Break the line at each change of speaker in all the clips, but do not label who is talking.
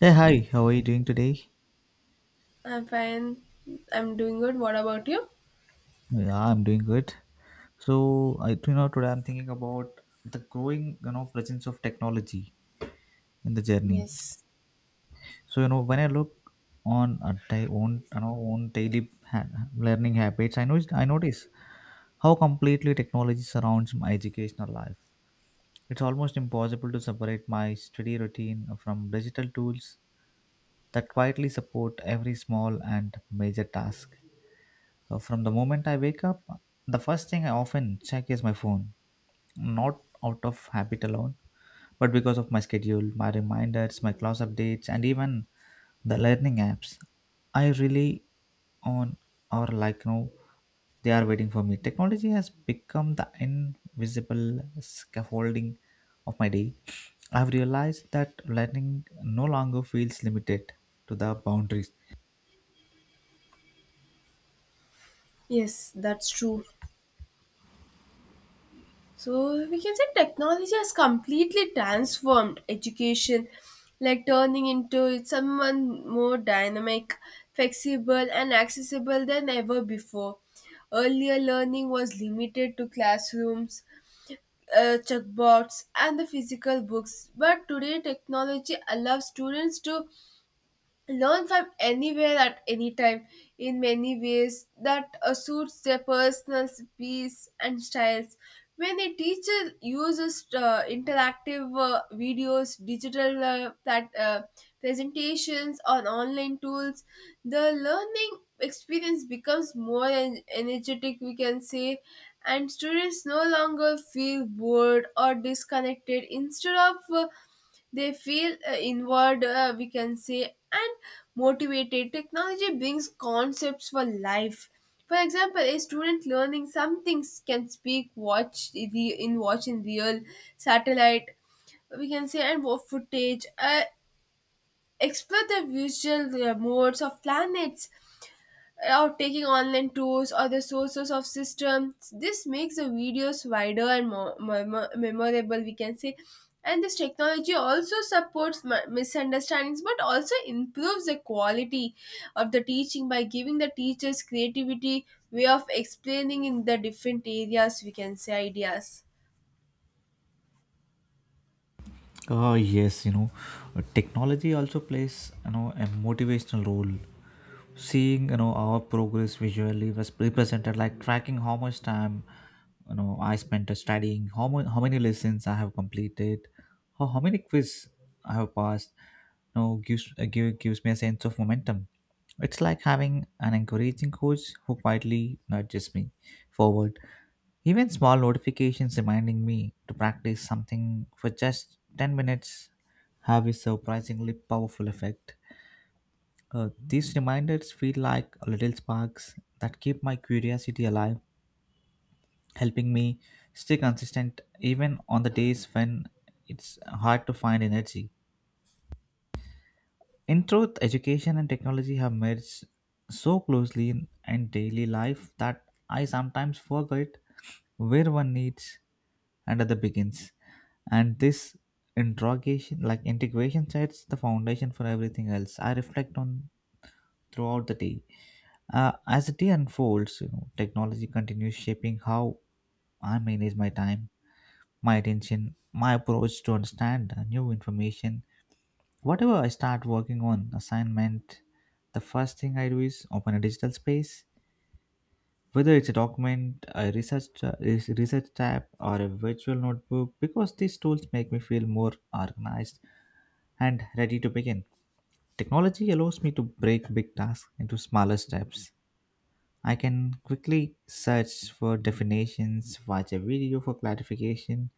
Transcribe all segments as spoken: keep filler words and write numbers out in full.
Hey, hi. How are you doing today?
I'm fine. I'm doing good. What about you?
Yeah, I'm doing good. So, I you know today I'm thinking about the growing you know presence of technology in the journey.
Yes.
So, you know when I look on at my own you know own daily ha- learning habits, I know I notice how completely technology surrounds my educational life. It's almost impossible to separate my study routine from digital tools that quietly support every small and major task. Uh, From the moment I wake up, the first thing I often check is my phone, not out of habit alone, but because of my schedule, my reminders, my class updates, and even the learning apps. I rely on or like no, they are waiting for me. Technology has become the invisible scaffolding of my day. I've realized that learning no longer feels limited to the boundaries.
Yes, that's true. So we can say technology has completely transformed education, like turning into it someone more dynamic, flexible, and accessible than ever before. Earlier, learning was limited to classrooms, uh, checkboards, and the physical books, but today, technology allows students to learn from anywhere at any time in many ways that uh, suits their personal pace and styles. When a teacher uses uh, interactive uh, videos, digital uh, plat- uh, presentations, or online tools, the learning experience becomes more en- energetic, we can say, and students no longer feel bored or disconnected. Instead of uh, they feel uh, inward, uh, we can say, and motivated. Technology brings concepts for life. For example, a student learning something can speak, watch the in watch in real satellite, we can say, and more footage, uh, explore the visual uh, modes of planets or taking online tours or the sources of systems. This makes the videos wider and more, more, memorable, we can say. And this technology also supports mi- misunderstandings but also improves the quality of the teaching by giving the teachers creativity, way of explaining in the different areas, we can say ideas.
Uh, yes, you know, uh, technology also plays you know a motivational role. Seeing you know our progress visually was represented, like tracking how much time you know I spent studying, how mu- how many lessons I have completed, how, how many quiz I have passed. You know, gives uh, give, gives me a sense of momentum. It's like having an encouraging coach who quietly nudges me forward. Even small notifications reminding me to practice something for just ten minutes have a surprisingly powerful effect. Uh, these reminders feel like little sparks that keep my curiosity alive, helping me stay consistent even on the days when it's hard to find energy. In truth, education and technology have merged so closely in, in daily life that I sometimes forget where one needs and other begins. And this interrogation, like integration, sets the foundation for everything else. I reflect on throughout the day. Uh, as the day unfolds, you know, technology continues shaping how I manage my time, my attention, my approach to understand uh, new information. Whatever I start working on, assignment, the first thing I do is open a digital space. Whether it's a document, a research, uh, res- research tab, or a virtual notebook, because these tools make me feel more organized and ready to begin. Technology allows me to break big tasks into smaller steps. I can quickly search for definitions, watch a video for clarification,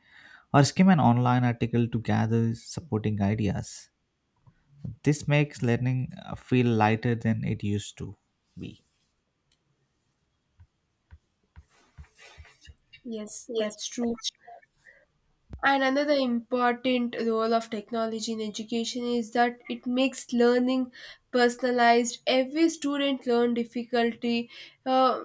or skim an online article to gather supporting ideas. This makes learning uh, feel lighter than it used to be.
Yes, that's true. And another important role of technology in education is that it makes learning personalized. Every student learn difficulty. uh,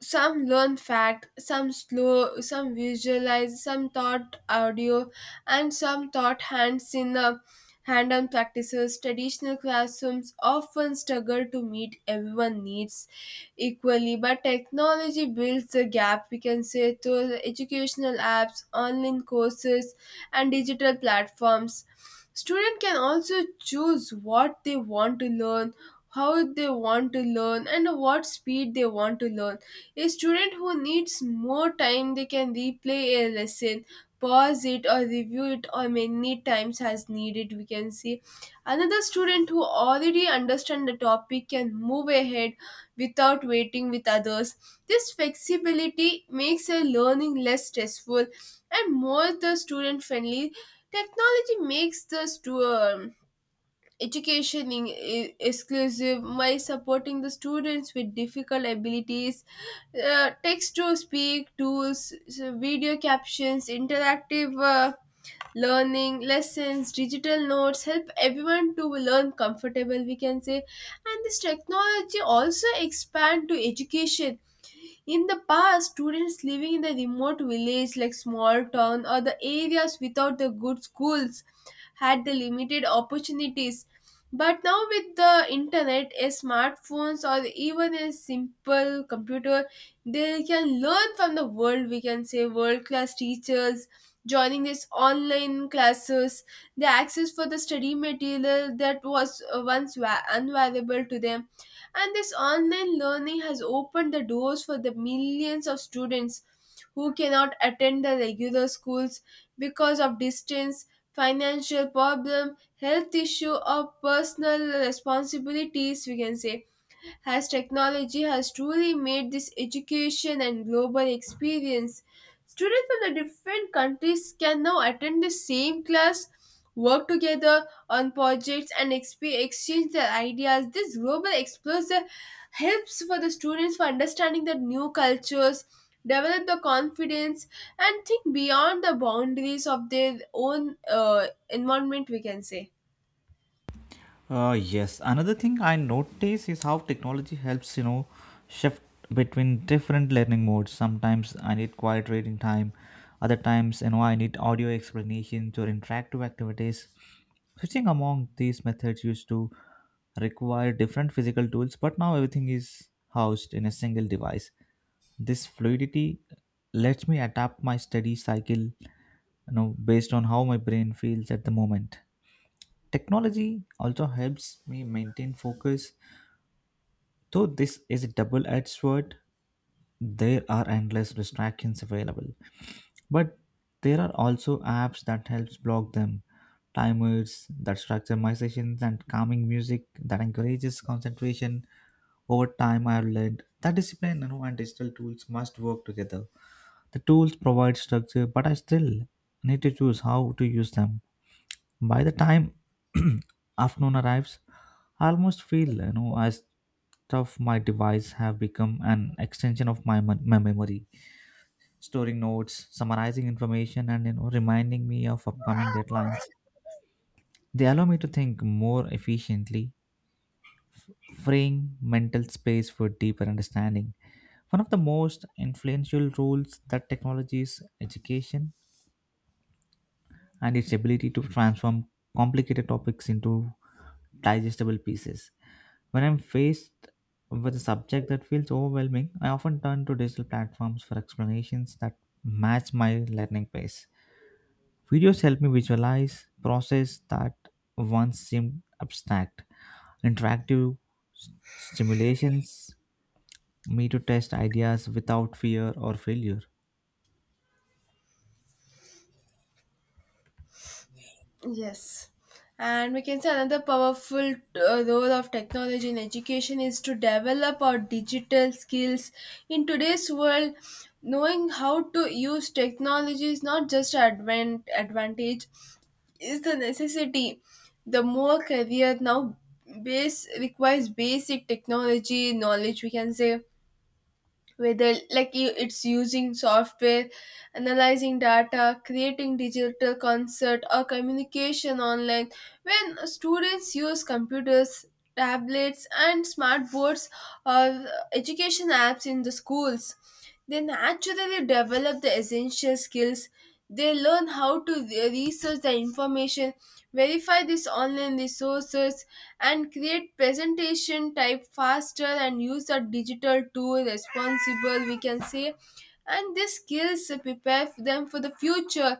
some learn fact, some slow, some visualize, some taught audio, and some taught hands in uh, hand-on practices. Traditional classrooms often struggle to meet everyone needs equally, but technology builds the gap, we can say, through the educational apps, online courses, and digital platforms. Student can also choose what they want to learn, how they want to learn, and what speed they want to learn. A student who needs more time, they can replay a lesson, pause it or review it or many times as needed, we can see. Another student who already understand the topic can move ahead without waiting with others. This flexibility makes a learning less stressful and more the student friendly. Technology makes the stu- um, education in- e- exclusive by supporting the students with difficult abilities, uh, text to speak tools, so video captions, interactive uh, learning, lessons, digital notes help everyone to learn comfortable, we can say. And this technology also expand to education. In the past, students living in the remote village like small town or the areas without the good schools had the limited opportunities. But now, with the internet, a smartphones, or even a simple computer, they can learn from the world. We can say world class teachers joining these online classes, the access for the study material that was uh, once va- unavailable to them. And this online learning has opened the doors for the millions of students who cannot attend the regular schools because of distance, financial problem, health issue or personal responsibilities, we can say, as technology has truly made this education and global experience. Students from the different countries can now attend the same class, work together on projects, and exp- exchange their ideas. This global exposure helps for the students for understanding the new cultures, develop the confidence, and think beyond the boundaries of their own uh, environment, we can say.
Uh, yes, another thing I notice is how technology helps, you know, shift between different learning modes. Sometimes I need quiet reading time, other times, you know, I need audio explanations or interactive activities. Switching among these methods used to require different physical tools, but now everything is housed in a single device. This fluidity lets me adapt my study cycle, you know, based on how my brain feels at the moment. Technology also helps me maintain focus. Though this is a double edged sword, there are endless distractions available. But there are also apps that helps block them, timers that structure my sessions and calming music that encourages concentration. Over time I've learned that discipline, you know, and digital tools must work together. The tools provide structure, but I still need to choose how to use them. By the time afternoon arrives, I almost feel, you know, as stuff my device have become an extension of my, mem- my memory, storing notes, summarizing information, and, you know, reminding me of upcoming deadlines. They allow me to think more efficiently, f- freeing mental space for deeper understanding. One of the most influential roles that technology is education and its ability to transform complicated topics into digestible pieces. When I'm faced with a subject that feels overwhelming, I often turn to digital platforms for explanations that match my learning pace. Videos help me visualize process that once seemed abstract. Interactive s- simulations me to test ideas without fear or failure.
Yes. And we can say another powerful uh, role of technology in education is to develop our digital skills. In today's world, knowing how to use technology is not just advan- advantage, is the necessity. The more career now base requires basic technology knowledge, we can say, whether like you, it's using software, analyzing data, creating digital concert or communication online. When students use computers, tablets and smart boards or education apps in the schools, they naturally develop the essential skills. They learn how to re- research the information, verify these online resources, and create presentation, type faster, and use the digital tool responsible, we can say. And these skills prepare them for the future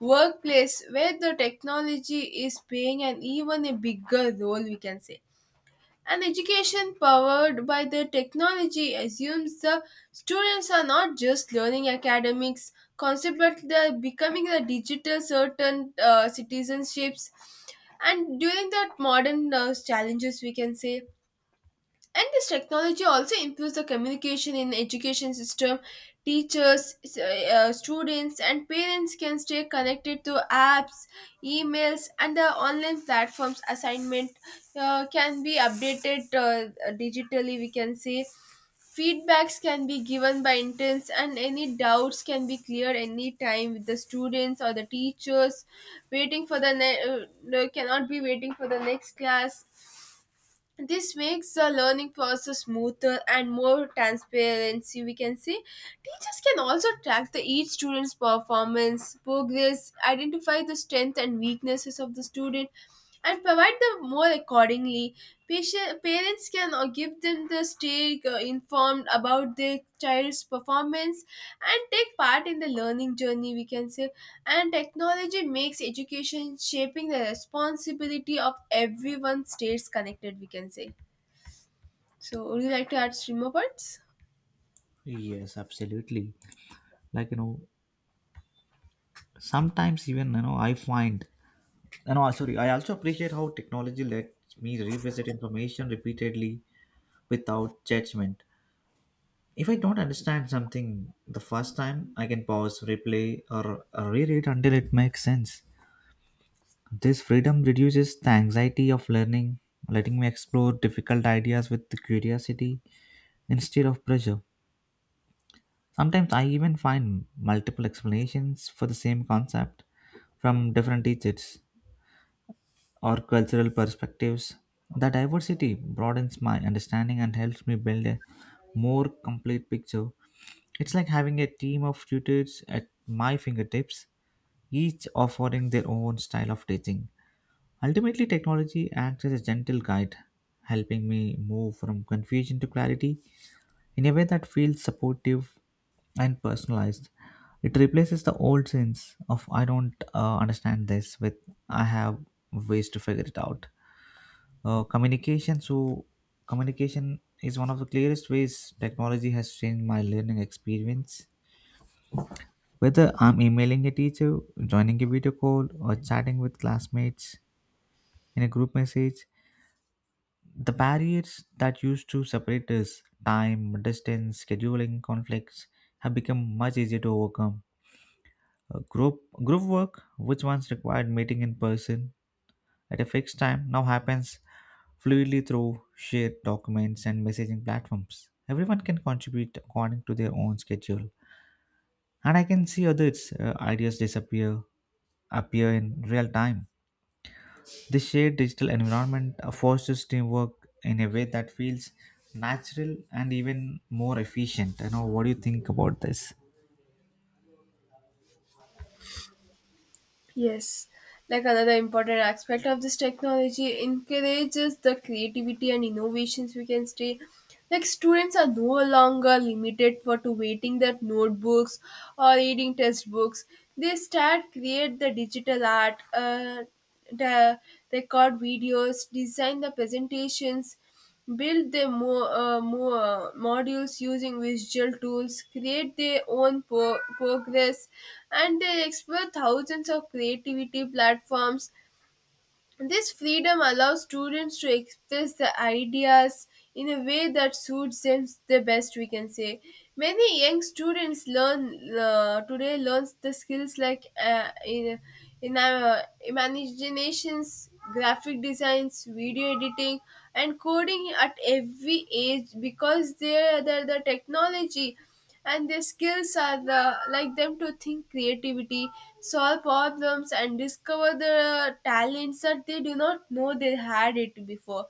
workplace where the technology is playing an even a bigger role, we can say. An education powered by the technology assumes the students are not just learning academics concepts, but they are becoming the digital certain uh, citizenships. And during that modern uh, challenges, we can say. And this technology also improves the communication in education system. Teachers, s- uh, students and parents can stay connected to apps, emails and the online platforms. Assignment uh, can be updated uh, digitally, we can say. Feedbacks can be given by interns and any doubts can be cleared anytime with the students or the teachers. Waiting for the ne- uh, uh, cannot be waiting for the next class. This makes the learning process smoother and more transparency, we can say. Teachers can also track the each student's performance progress, identify the strength and weaknesses of the student, and provide them more accordingly. Patient, parents can uh, give them the stay uh, informed about their child's performance and take part in the learning journey, we can say. And technology makes education shaping the responsibility of everyone stays connected, we can say. So, would you like to add three more points?
Yes, absolutely. Like, you know, sometimes even, you know, I find and also I also appreciate how technology lets me revisit information repeatedly without judgment. If I don't understand something the first time, I can pause, replay, or reread until it makes sense. This freedom reduces the anxiety of learning, letting me explore difficult ideas with curiosity instead of pressure. Sometimes I even find multiple explanations for the same concept from different teachers or cultural perspectives. The diversity broadens my understanding and helps me build a more complete picture. It's like having a team of tutors at my fingertips, each offering their own style of teaching. Ultimately, technology acts as a gentle guide, helping me move from confusion to clarity in a way that feels supportive and personalized. It replaces the old sense of I don't uh, understand this with I have ways to figure it out. Uh, communication so Communication is one of the clearest ways technology has changed my learning experience. Whether I'm emailing a teacher, joining a video call, or chatting with classmates in a group message, the barriers that used to separate us, time, distance, scheduling conflicts, have become much easier to overcome. Uh, group, group work, which once required meeting in person at a fixed time, now happens fluidly through shared documents and messaging platforms. Everyone can contribute according to their own schedule. And I can see others' uh, ideas disappear, appear in real time. This shared digital environment forces teamwork in a way that feels natural and even more efficient. You know, what do you think about this?
Yes. Like another important aspect of this technology encourages the creativity and innovations. We can say, like students are no longer limited for to waiting their notebooks or reading textbooks. They start create the digital art, uh, the record videos, design the presentations, build their mo- uh, mo- uh, modules using visual tools, create their own pro progress, and they explore thousands of creativity platforms. This freedom allows students to express their ideas in a way that suits them the best, we can say. Many young students learn uh, today learns the skills like uh, in in uh, imaginations, graphic designs, video editing and coding at every age because they are the, the technology and their skills are the, like them to think creativity, solve problems and discover the talents that they do not know they had it before.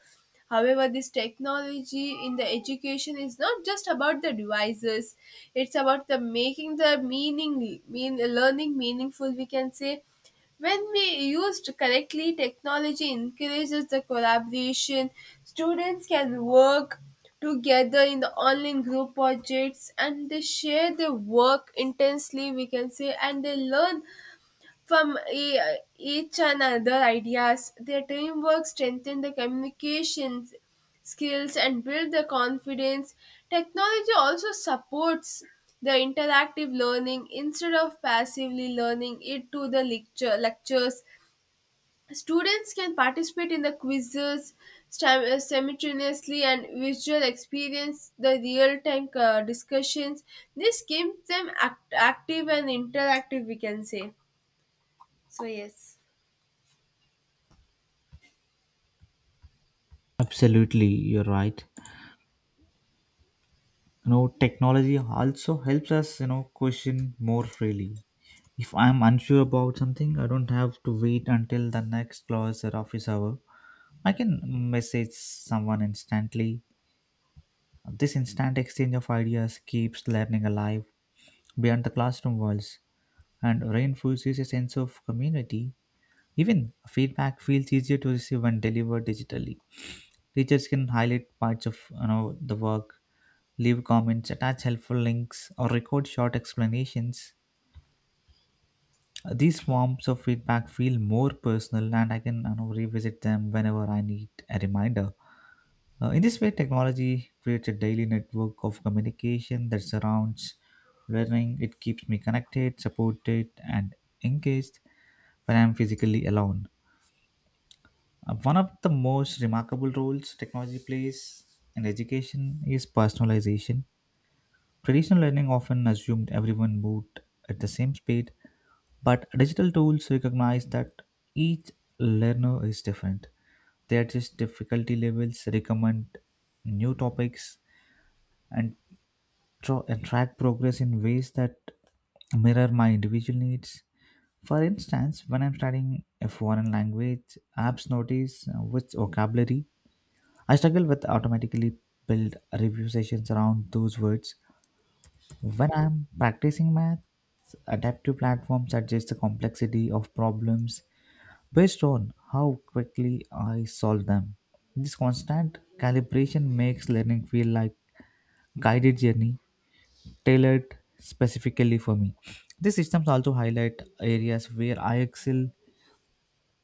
However, this technology in the education is not just about the devices, it's about the making the meaning mean learning meaningful, we can say. When we used correctly, technology encourages the collaboration. Students can work together in the online group projects and they share their work intensely, we can say, and they learn from e- each another ideas. Their teamwork strengthened the communications skills and build the confidence. Technology also supports the interactive learning instead of passively learning it to the lecture lectures. Students can participate in the quizzes stam- uh, simultaneously and visual experience the real-time uh, discussions. This keeps them act- active and interactive, we can say. So yes.
Absolutely, you're right. You know, technology also helps us, you know, question more freely. If I'm unsure about something, I don't have to wait until the next class or office hour. I can message someone instantly. This instant exchange of ideas keeps learning alive beyond the classroom walls and reinforces a sense of community. Even feedback feels easier to receive when delivered digitally. Teachers can highlight parts of, you know, the work, leave comments, attach helpful links, or record short explanations. Uh, These forms of feedback feel more personal, and I can, you know, revisit them whenever I need a reminder. Uh, in this way, technology creates a daily network of communication that surrounds learning. It keeps me connected, supported, and engaged when I'm physically alone. Uh, one of the most remarkable roles technology plays in education is personalization. Traditional learning often assumed everyone moved at the same speed, but digital tools recognize that each learner is different. They adjust difficulty levels, recommend new topics, and, tra- and track progress in ways that mirror my individual needs. For instance, when I'm studying a foreign language, apps notice uh, which vocabulary I struggle with automatically build review sessions around those words when I'm practicing math, adaptive platforms adjust the complexity of problems based on how quickly I solve them. This constant calibration makes learning feel like guided journey tailored specifically for me. These systems also highlight areas where I excel,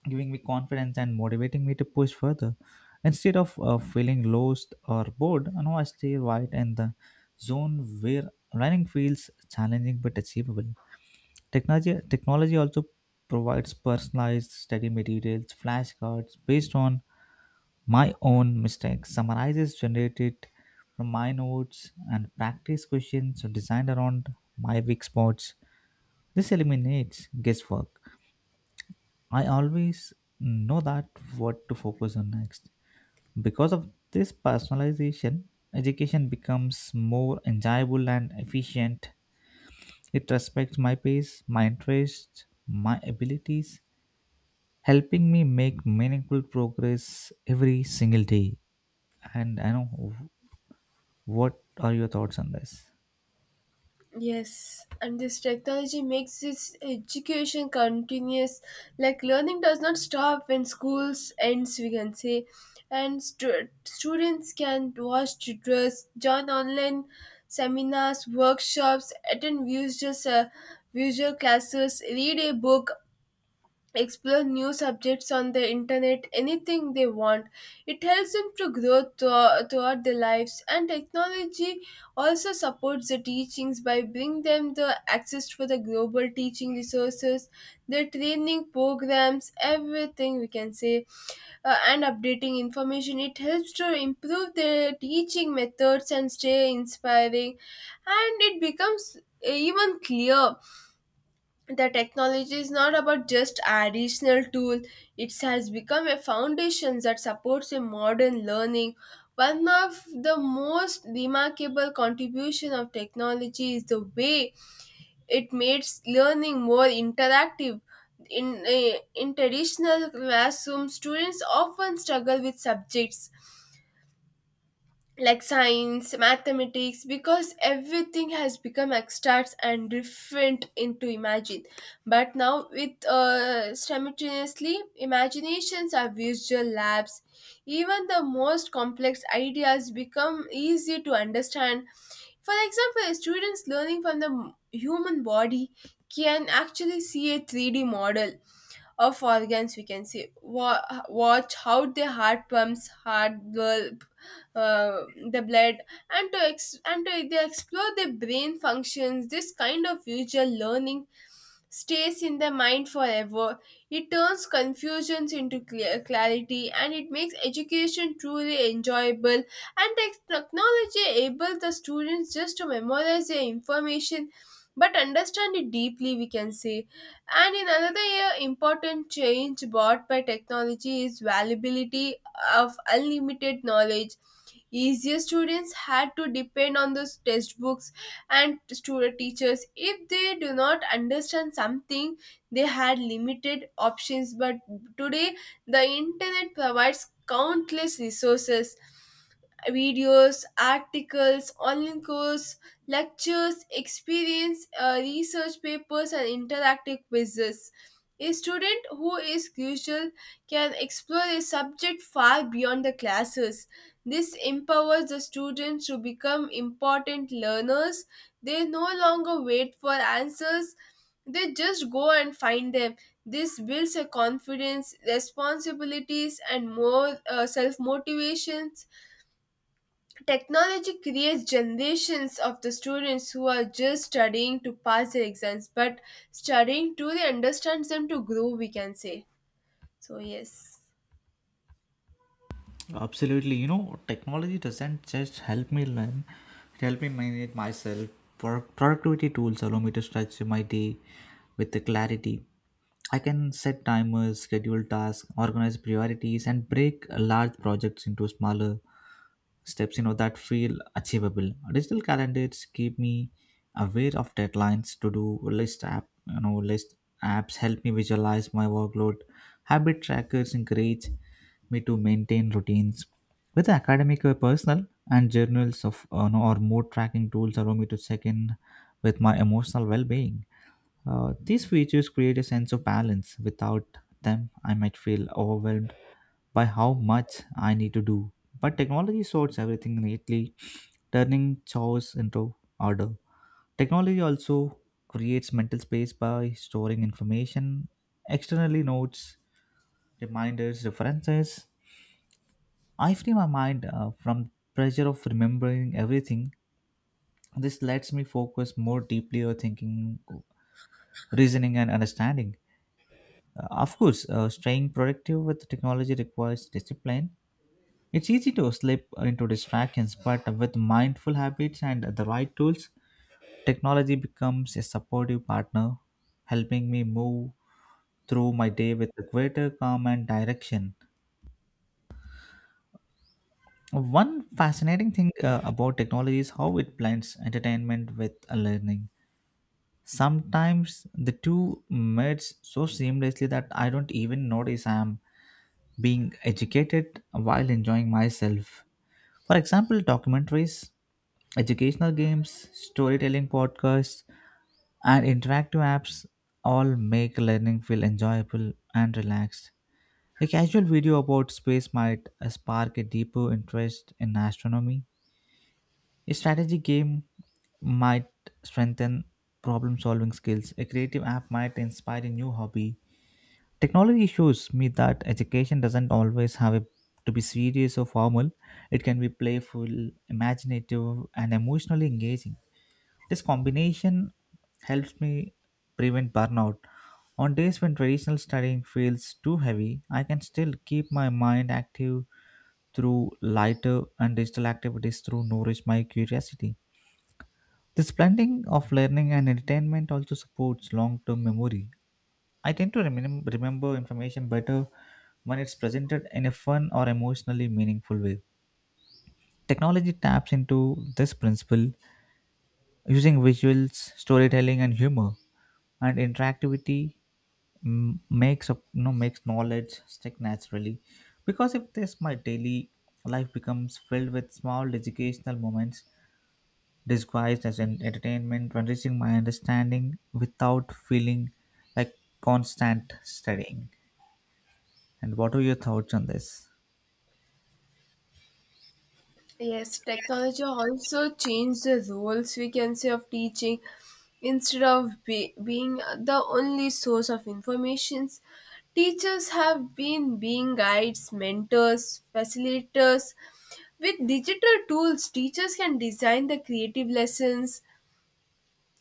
giving me confidence and motivating me to push further. Instead of uh, feeling lost or bored, I know I stay right in the zone where learning feels challenging but achievable. Technology, technology also provides personalized study materials, flashcards based on my own mistakes, summarizes generated from my notes, and practice questions designed around my weak spots. This eliminates guesswork. I always know that what to focus on next. Because of this personalization, education becomes more enjoyable and efficient. It respects my pace, my interests, my abilities, helping me make meaningful progress every single day. And I know, what are your thoughts on this?
Yes, and this technology makes this education continuous. Like learning does not stop when schools ends, we can say, and stu- students can watch tutors, join online seminars, workshops, attend visual uh, visual classes, read a book, explore new subjects on the internet, anything they want. It helps them to grow thro- throughout their lives. And technology also supports the teachings by bringing them the access for the global teaching resources, the training programs, everything, we can say, uh, and updating information. It helps to improve their teaching methods and stay inspiring, and it becomes uh, even clear the technology is not about just additional tool. It has become a foundation that supports a modern learning. One of the most remarkable contribution of technology is the way it makes learning more interactive. In, eh, in traditional classroom, students often struggle with subjects like science, mathematics, because everything has become abstract and different into imagine. But now, with uh, simultaneously, imaginations are visual labs. Even the most complex ideas become easy to understand. For example, students learning from the human body can actually see a three D model of organs, we can see. Wa- watch how the heart pumps heart bulb, uh, the blood, and to ex- and to they explore the brain functions. This kind of visual learning stays in the mind forever. It turns confusions into clear clarity, and it makes education truly enjoyable. And tech- technology enables the students just to memorize their information but understand it deeply, we can say. And in another year, important change brought by technology is availability of unlimited knowledge. Easier, students had to depend on those textbooks and student teachers. If they do not understand something, they had limited options, but today the internet provides countless resources: videos, articles, online course, lectures, experience, uh, research papers, and interactive quizzes. A student who is crucial can explore a subject far beyond the classes. This empowers the students to become important learners. They no longer wait for answers, they just go and find them. This builds a confidence, responsibilities, and more uh, self motivations. Technology creates generations of the students who are just studying to pass their exams, but studying truly understands them to grow, we can say. So, yes.
Absolutely. You know, technology doesn't just help me learn, it helps me manage myself. Pro- Productivity tools allow me to structure my day with the clarity. I can set timers, schedule tasks, organize priorities, and break large projects into smaller steps, you know, that feel achievable, digital calendars keep me aware of deadlines, to do list app, you know, list apps help me visualize my workload, habit trackers encourage me to maintain routines whether academic or personal, and journals of uh, no, or mood tracking tools allow me to check in with my emotional well-being. Uh, these features create a sense of balance without them I might feel overwhelmed by how much I need to do. But technology sorts everything neatly, turning chores into order. Technology also creates mental space by storing information externally, notes, reminders, references. I free my mind uh, from pressure of remembering everything. This lets me focus more deeply on thinking, reasoning, and understanding. Uh, of course, uh, staying productive with technology requires discipline. It's easy to slip into distractions, but with mindful habits and the right tools, technology becomes a supportive partner, helping me move through my day with a greater calm and direction. One fascinating thing uh, about technology is how it blends entertainment with learning. Sometimes the two merge so seamlessly that I don't even notice I am being educated while enjoying myself. For example, documentaries, educational games, storytelling podcasts, and interactive apps all make learning feel enjoyable and relaxed. A casual video about space might uh, spark a deeper interest in astronomy. A strategy game might strengthen problem solving skills. A creative app might inspire a new hobby. Technology shows me that education doesn't always have a, to be serious or formal. It can be playful, imaginative, and emotionally engaging. This combination helps me prevent burnout. On days when traditional studying feels too heavy, I can still keep my mind active through lighter and digital activities through nourish my curiosity. This blending of learning and entertainment also supports long-term memory. I tend to remem- remember information better when it's presented in a fun or emotionally meaningful way. Technology taps into this principle using visuals, storytelling, and humor, and interactivity mm, makes up you know makes knowledge stick naturally. Because if this, my daily life becomes filled with small educational moments disguised as an entertainment, enriching my understanding without feeling like constant studying. And what are your thoughts on this?
Yes, technology also changed the roles we can say of teaching. Instead of be- being the only source of information, teachers have been being guides, mentors, facilitators. With digital tools, teachers can design the creative lessons,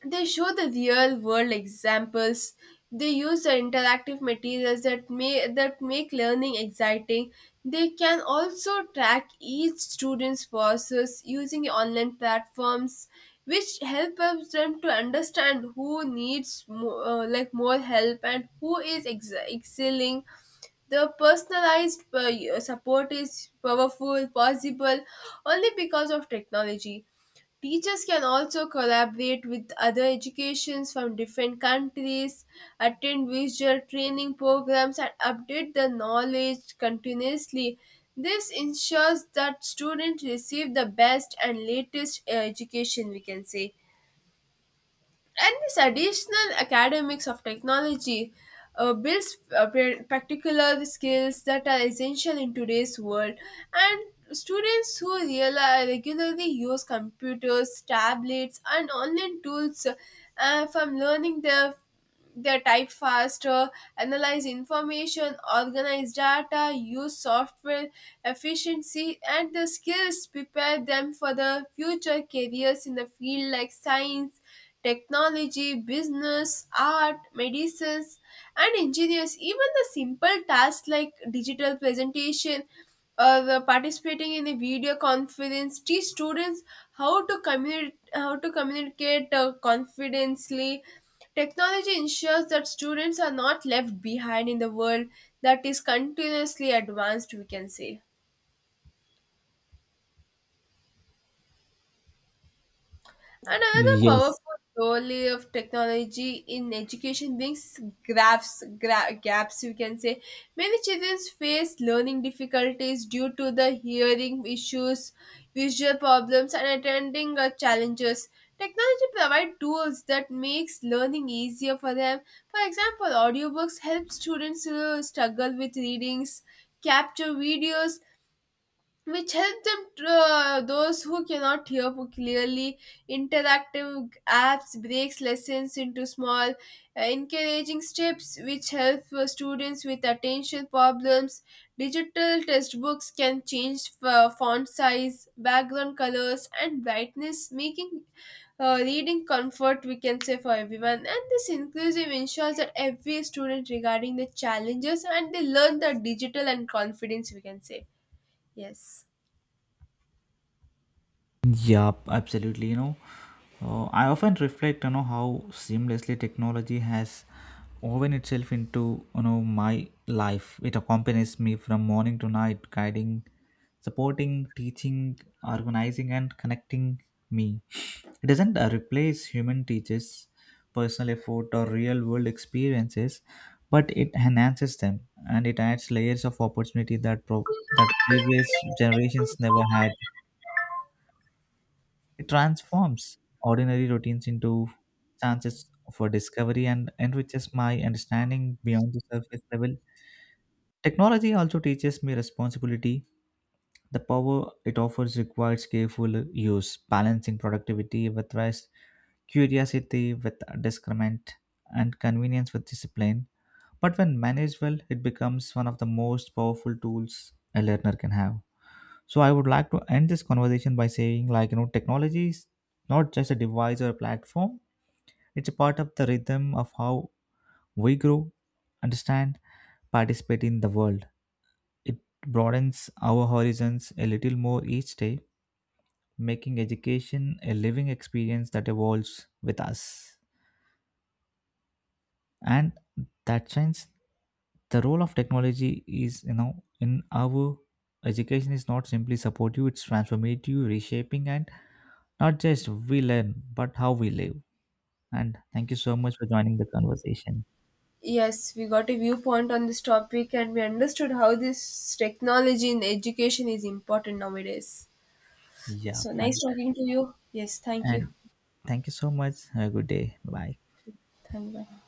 they show the real world examples. They use the interactive materials that may that make learning exciting. They can also track each student's process using online platforms, which help them to understand who needs more, uh, like more help and who is ex- excelling. The personalized uh, support is powerful, possible only because of technology. Teachers can also collaborate with other educations from different countries, attend visual training programs, and update the knowledge continuously. This ensures that students receive the best and latest uh, education, we can say. And this additional academics of technology uh, builds uh, par- particular skills that are essential in today's world. And students who reali regularly use computers, tablets and online tools uh, from learning their their type faster, analyze information, organize data, use software efficiency. And the skills prepare them for the future careers in the field like science, technology, business, art, medicines, and engineers. Even the simple tasks like digital presentation or the participating in a video conference teach students how to communicate how to communicate uh, confidently. Technology ensures that students are not left behind in the world that is continuously advanced. We can say. And another
Yes.
powerful role of technology in education brings gaps, gra- gaps, you can say. Many children face learning difficulties due to the hearing issues, visual problems, and attending uh, challenges. Technology provides tools that makes learning easier for them. For example, audiobooks help students who struggle with readings, capture videos, which help them uh, those who cannot hear po- clearly. Interactive apps breaks lessons into small uh, encouraging steps, which help uh, students with attention problems. Digital textbooks can change f- font size, background colors and brightness, making uh, reading comfort, we can say, for everyone. And this inclusive ensures that every student regarding the challenges and they learn the digital and confidence, we can say. Yes.
Yup, absolutely. You know, uh, I often reflect, you know, how seamlessly technology has woven itself into, you know, my life. It accompanies me from morning to night, guiding, supporting, teaching, organizing, and connecting me. It doesn't uh, replace human teachers, personal effort, or real world experiences, but it enhances them and it adds layers of opportunity that pro- that previous generations never had. It transforms ordinary routines into chances for discovery and enriches my understanding beyond the surface level. Technology also teaches me responsibility the power it offers requires careful use, balancing productivity with rest, curiosity with discernment, and convenience with discipline. But when managed well, it becomes one of the most powerful tools a learner can have. So I would like to end this conversation by saying, like, you know, technology is not just a device or a platform, it's a part of the rhythm of how we grow, understand, participate in the world. It broadens our horizons a little more each day making education a living experience that evolves with us. And that shines the role of technology is, you know, in our education is not simply supportive, it's transformative, reshaping, and not just we learn, but how we live. And thank you so much for joining the conversation.
Yes, we got a viewpoint on this topic and we understood how this technology in education is important nowadays.
Yeah,
So
and,
nice talking to you. Yes, thank you.
and thank you so much. Have a good day. Bye.
Thank you. Bye.